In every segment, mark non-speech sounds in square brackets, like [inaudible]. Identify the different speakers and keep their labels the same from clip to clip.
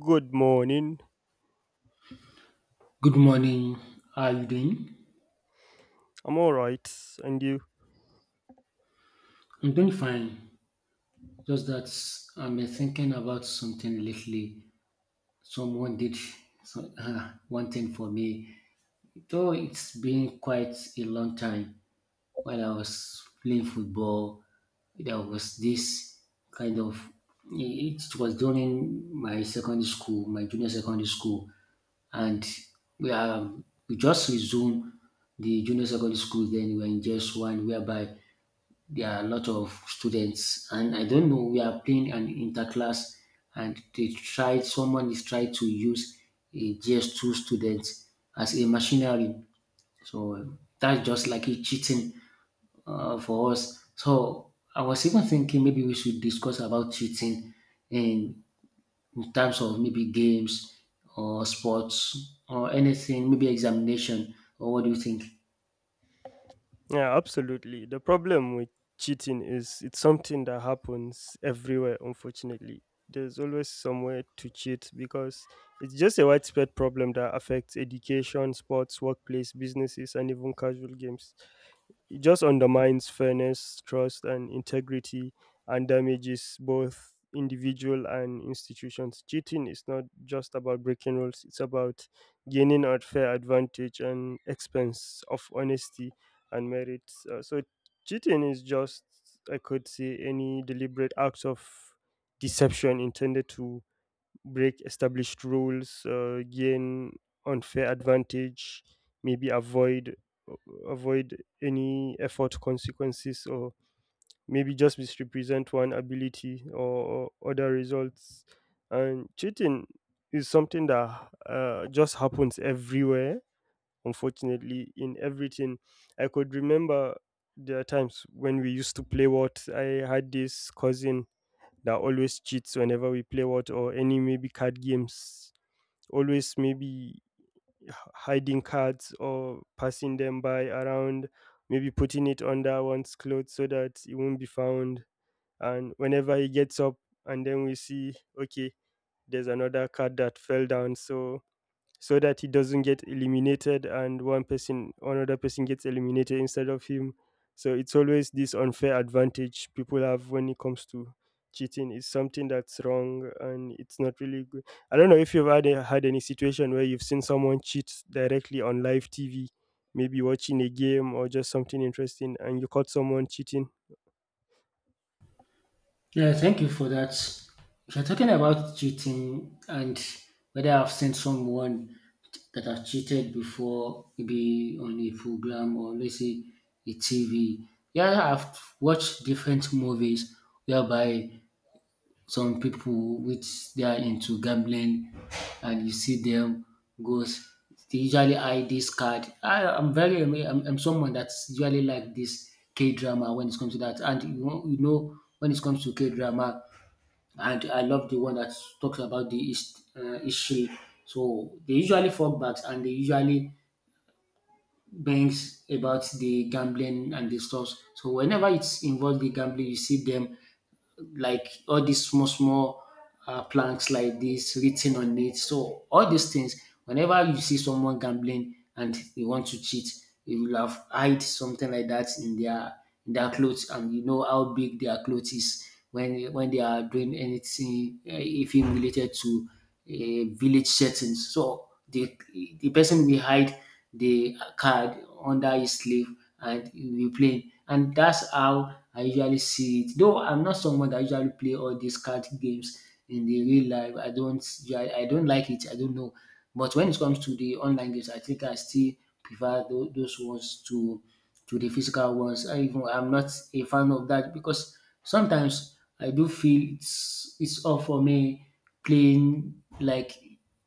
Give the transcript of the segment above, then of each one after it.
Speaker 1: Good morning.
Speaker 2: Good morning. How are you doing?
Speaker 1: I'm all right. And you?
Speaker 2: I'm doing fine. Just that I'm thinking about something lately. Someone did so, one thing for me. Though it's been quite a long time while I was playing football, there was this kind of it was during my secondary school, my junior secondary school, and we are we just resumed the junior secondary school then we were in just one whereby there are a lot of students and I don't know we are playing an interclass and they tried someone is trying to use a G S 2 student as a machinery. So that's just like a cheating for us. So I was even thinking maybe we should discuss about cheating in, in terms of maybe games or sports or anything, maybe examination or what do you think?
Speaker 1: Yeah, absolutely. The problem with cheating is it's something that happens everywhere, unfortunately. There's always somewhere to cheat because it's just a widespread problem that affects education, sports, workplace, businesses, and even casual games. It just undermines fairness, trust, and integrity, and damages both individual and institutions. Cheating is not just about breaking rules, it's about gaining unfair advantage and expense of honesty and merit. Cheating is just, I could say, any deliberate act of deception intended to break established rules, gain unfair advantage, maybe avoid any effort consequences, or maybe just misrepresent one ability or other results. And cheating is something that just happens everywhere. Unfortunately, in everything, I could remember there are times when we used to play what. I had this cousin that always cheats whenever we play what or any maybe card games, always maybe hiding cards or passing them by around, maybe putting it under one's clothes so that it won't be found. And whenever he gets up and then we see, okay, there's another card that fell down, so that he doesn't get eliminated and one person another person gets eliminated instead of him. So it's always this unfair advantage people have when it comes to cheating. It's something that's wrong and it's not really good. I don't know if you've had any situation where you've seen someone cheat directly on live TV, maybe watching a game or just something interesting, and you caught someone cheating.
Speaker 2: Yeah, thank you for that. If you're talking about cheating and whether I've seen someone that has cheated before, maybe on a program or let's say a TV. Yeah, I've watched different movies whereby some people which they are into gambling and you see them goes they usually hide this card. I'm someone that's usually like this K drama when it comes to that. And you know when it comes to K drama, and I love the one that talks about the East history. So they usually fall back and they usually bangs about the gambling and the stuff. So whenever it's involved the gambling, you see them like all these small small planks like this written on it. So all these things, whenever you see someone gambling and they want to cheat, they will have hide something like that in their clothes, and you know how big their clothes is when they are doing anything, even related to village settings. So the person will hide the card under his sleeve and you'll be playing. And that's how I usually see it. Though I'm not someone that usually play all these card games in the real life. I don't like it. I don't know. But when it comes to the online games, I think I still prefer those ones to the physical ones. I even I'm not a fan of that because sometimes I do feel it's all for me playing like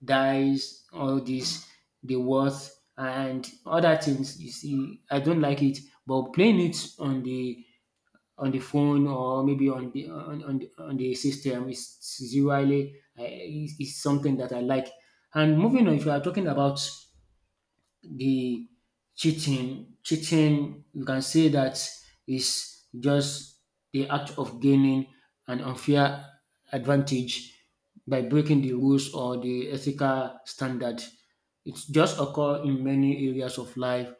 Speaker 2: dice, all this, the worth and other things. You see, I don't like it, but playing it on the phone or maybe on the on the system is is something that I like. And moving on, if you are talking about the cheating you can say that is just the act of gaining an unfair advantage by breaking the rules or the ethical standard. It just occur in many areas of life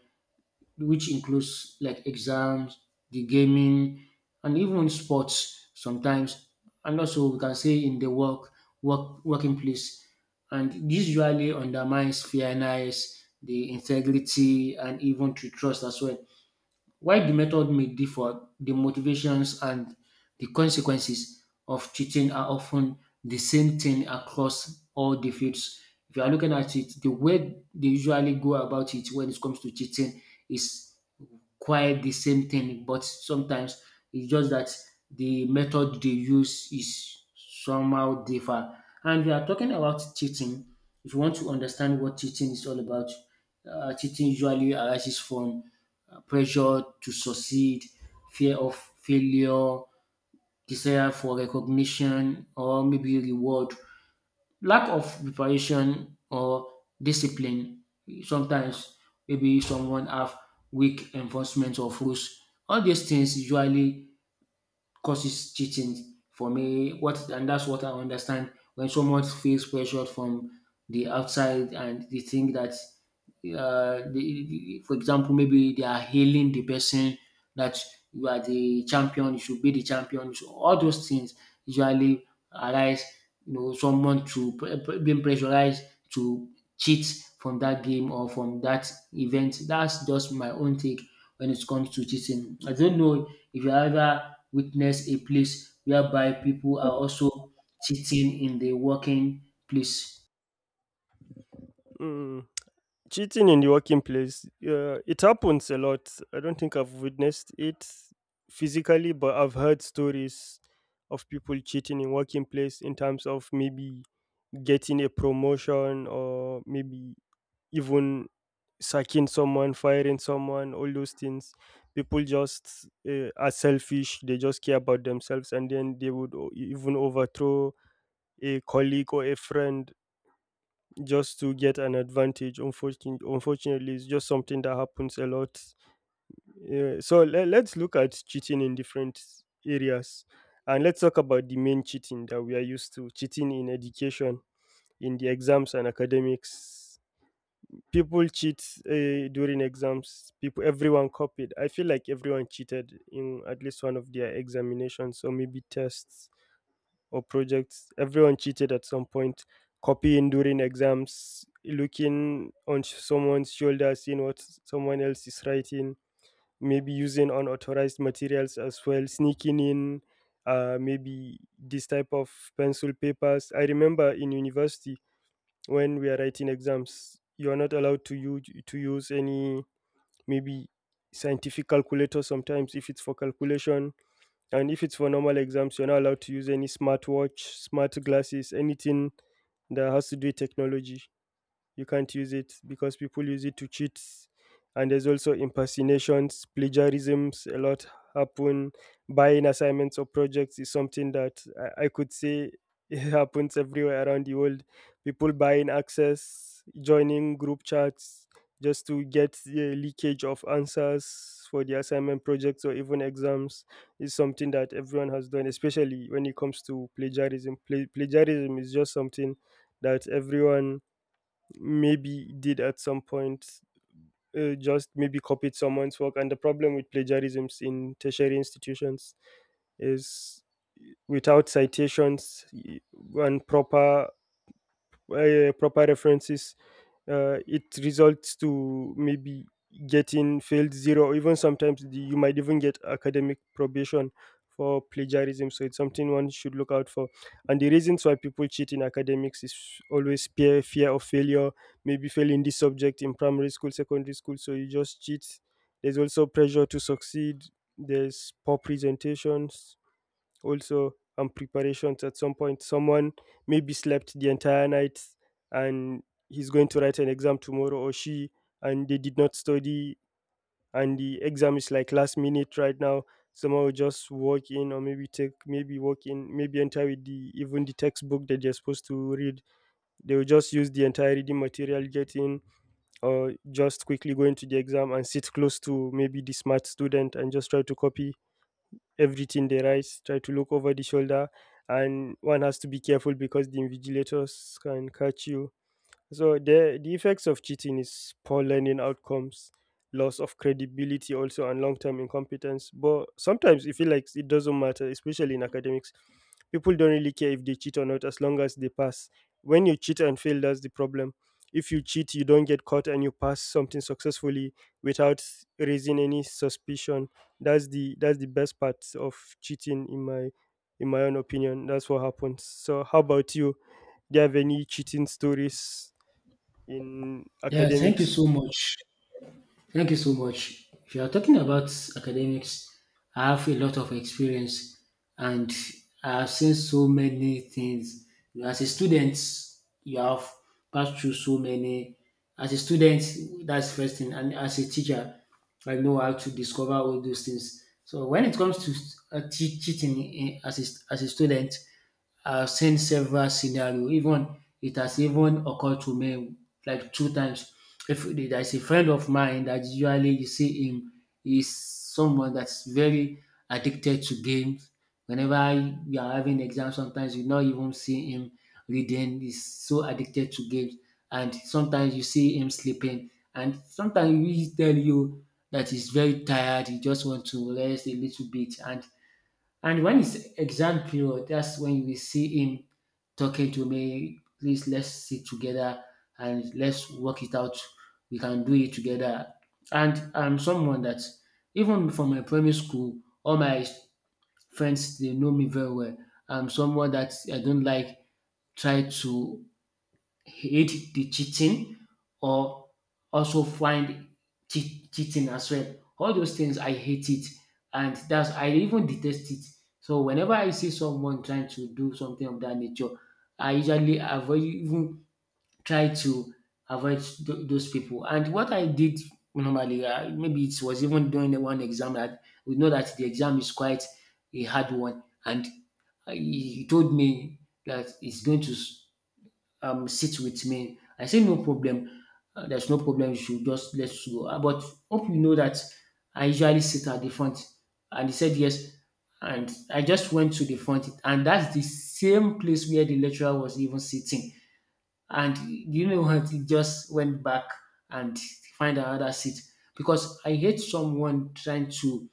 Speaker 2: which includes like exams, the gaming, and even sports sometimes, and also we can say in the working place. And this usually undermines fairness, the integrity, and even to trust as well. While the method may differ, the motivations and the consequences of cheating are often the same thing across all the fields. If you are looking at it, the way they usually go about it when it comes to cheating is quite the same thing, but sometimes it's just that the method they use is somehow differ. And we are talking about cheating. If you want to understand what cheating is all about, cheating usually arises from pressure to succeed, fear of failure, desire for recognition, or maybe reward. Lack of preparation or discipline. Sometimes maybe someone have weak enforcement of rules. All these things usually causes cheating for me. What and that's what I understand when someone feels pressured from the outside and they think that, for example, maybe they are hailing the person that you are the champion, you should be the champion. So all those things usually arise, you know, someone to being pressurized to cheat from that game or from that event. That's just my own take when it comes to cheating. I don't know if you ever witness a place whereby people are also cheating in the working place.
Speaker 1: Mm. Cheating in the working place, it happens a lot. I don't think I've witnessed it physically, but I've heard stories of people cheating in working place in terms of maybe getting a promotion, or maybe even sacking someone, firing someone, all those things. People just are selfish. They just care about themselves, and then they would even overthrow a colleague or a friend just to get an advantage. Unfortunately, it's just something that happens a lot. So let's look at cheating in different areas, and let's talk about the main cheating that we are used to: cheating in education, in the exams and academics. People cheat during exams. People, everyone copied. I feel like everyone cheated in at least one of their examinations, or maybe tests or projects. Everyone cheated at some point. Copying during exams, looking on someone's shoulder, seeing what someone else is writing, maybe using unauthorized materials as well, sneaking in maybe this type of pencil papers. I remember in university, when we are writing exams you are not allowed to use any maybe scientific calculator sometimes if it's for calculation, and if it's for normal exams you're not allowed to use any smartwatch, smart glasses, anything that has to do with technology. You can't use it because people use it to cheat. And there's also impersonations, plagiarisms a lot happen. Buying assignments or projects is something that I could say it [laughs] happens everywhere around the world. People buying access, joining group chats just to get the leakage of answers for the assignment, projects, or even exams is something that everyone has done, especially when it comes to plagiarism. Plagiarism is just something that everyone maybe did at some point, just maybe copied someone's work. And the problem with plagiarisms in tertiary institutions is, without citations and proper proper references, it results to maybe getting failed, zero, or even sometimes you might even get academic probation for plagiarism. So it's something one should look out for. And the reasons why people cheat in academics is always fear of failure, maybe failing this subject in primary school, secondary school, so you just cheat. There's also pressure to succeed. There's poor presentations also and preparations. At some point someone maybe slept the entire night, and he's going to write an exam tomorrow, or she, and they did not study, and the exam is like last minute right now. Someone will just walk in, or maybe take maybe walk in maybe enter with the even the textbook that they're supposed to read. They will just use the entire reading material, get in, or just quickly go into the exam and sit close to maybe the smart student and just try to copy everything they write, try to look over the shoulder, and one has to be careful because the invigilators can catch you. So the effects of cheating is poor learning outcomes, loss of credibility also, and long-term incompetence. But sometimes you feel like it doesn't matter, especially in academics. People don't really care if they cheat or not as long as they pass. When you cheat and fail, that's the problem. If you cheat, you don't get caught and you pass something successfully without raising any suspicion. That's the best part of cheating in my own opinion. That's what happens. So how about you? Do you have any cheating stories in
Speaker 2: Yeah, thank you
Speaker 1: academics?
Speaker 2: so much. Thank you so much. If you are talking about academics, I have a lot of experience and I have seen so many things. You know, as a student, you have passed through so many. As a student, that's first thing, and as a teacher, I know how to discover all those things. So when it comes to cheating in, as a student, I've seen several scenario even it has even occurred to me like two times. If there's a friend of mine that usually you see him is someone that's very addicted to games. Whenever we are having exam, sometimes you not even see him reading. He's so addicted to games, and sometimes you see him sleeping, and sometimes he will tell you that he's very tired. He just want to rest a little bit, and when it's exam period, that's when we see him talking to me, please let's sit together and let's work it out. We can do it together. And I'm someone that even from my primary school, all my friends they know me very well. I'm someone that I don't like try to hate the cheating or also find cheating as well. All those things I hate it, and that's I even detest it. So whenever I see someone trying to do something of that nature, I usually avoid even try to avoid those people. And what I did normally, maybe it was even during the one exam that we know that the exam is quite a hard one, and he told me that it's going to sit with me. I say no problem. There's no problem. You should just let's go. But hope you know that I usually sit at the front. And he said yes. And I just went to the front. And that's the same place where the lecturer was even sitting. And you know what? It just went back and find another seat because I hate someone trying to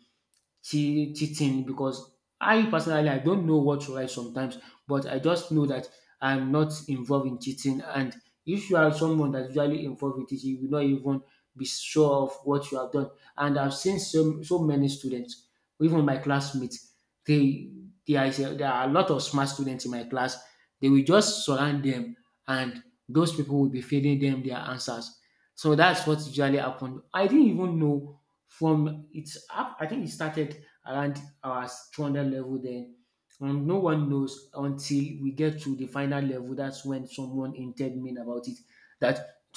Speaker 2: cheating because I personally I don't know what to write sometimes, but I just know that I'm not involved in cheating. And if you are someone that's usually involved in cheating, you will not even be sure of what you have done. And I've seen so many students, even my classmates, they there are a lot of smart students in my class. They will just surround them, and those people will be feeding them their answers. So that's what usually happened. I didn't even know from its up I think it started around our 200 level then and no one knows until we get to the final level that's when someone entered me about it that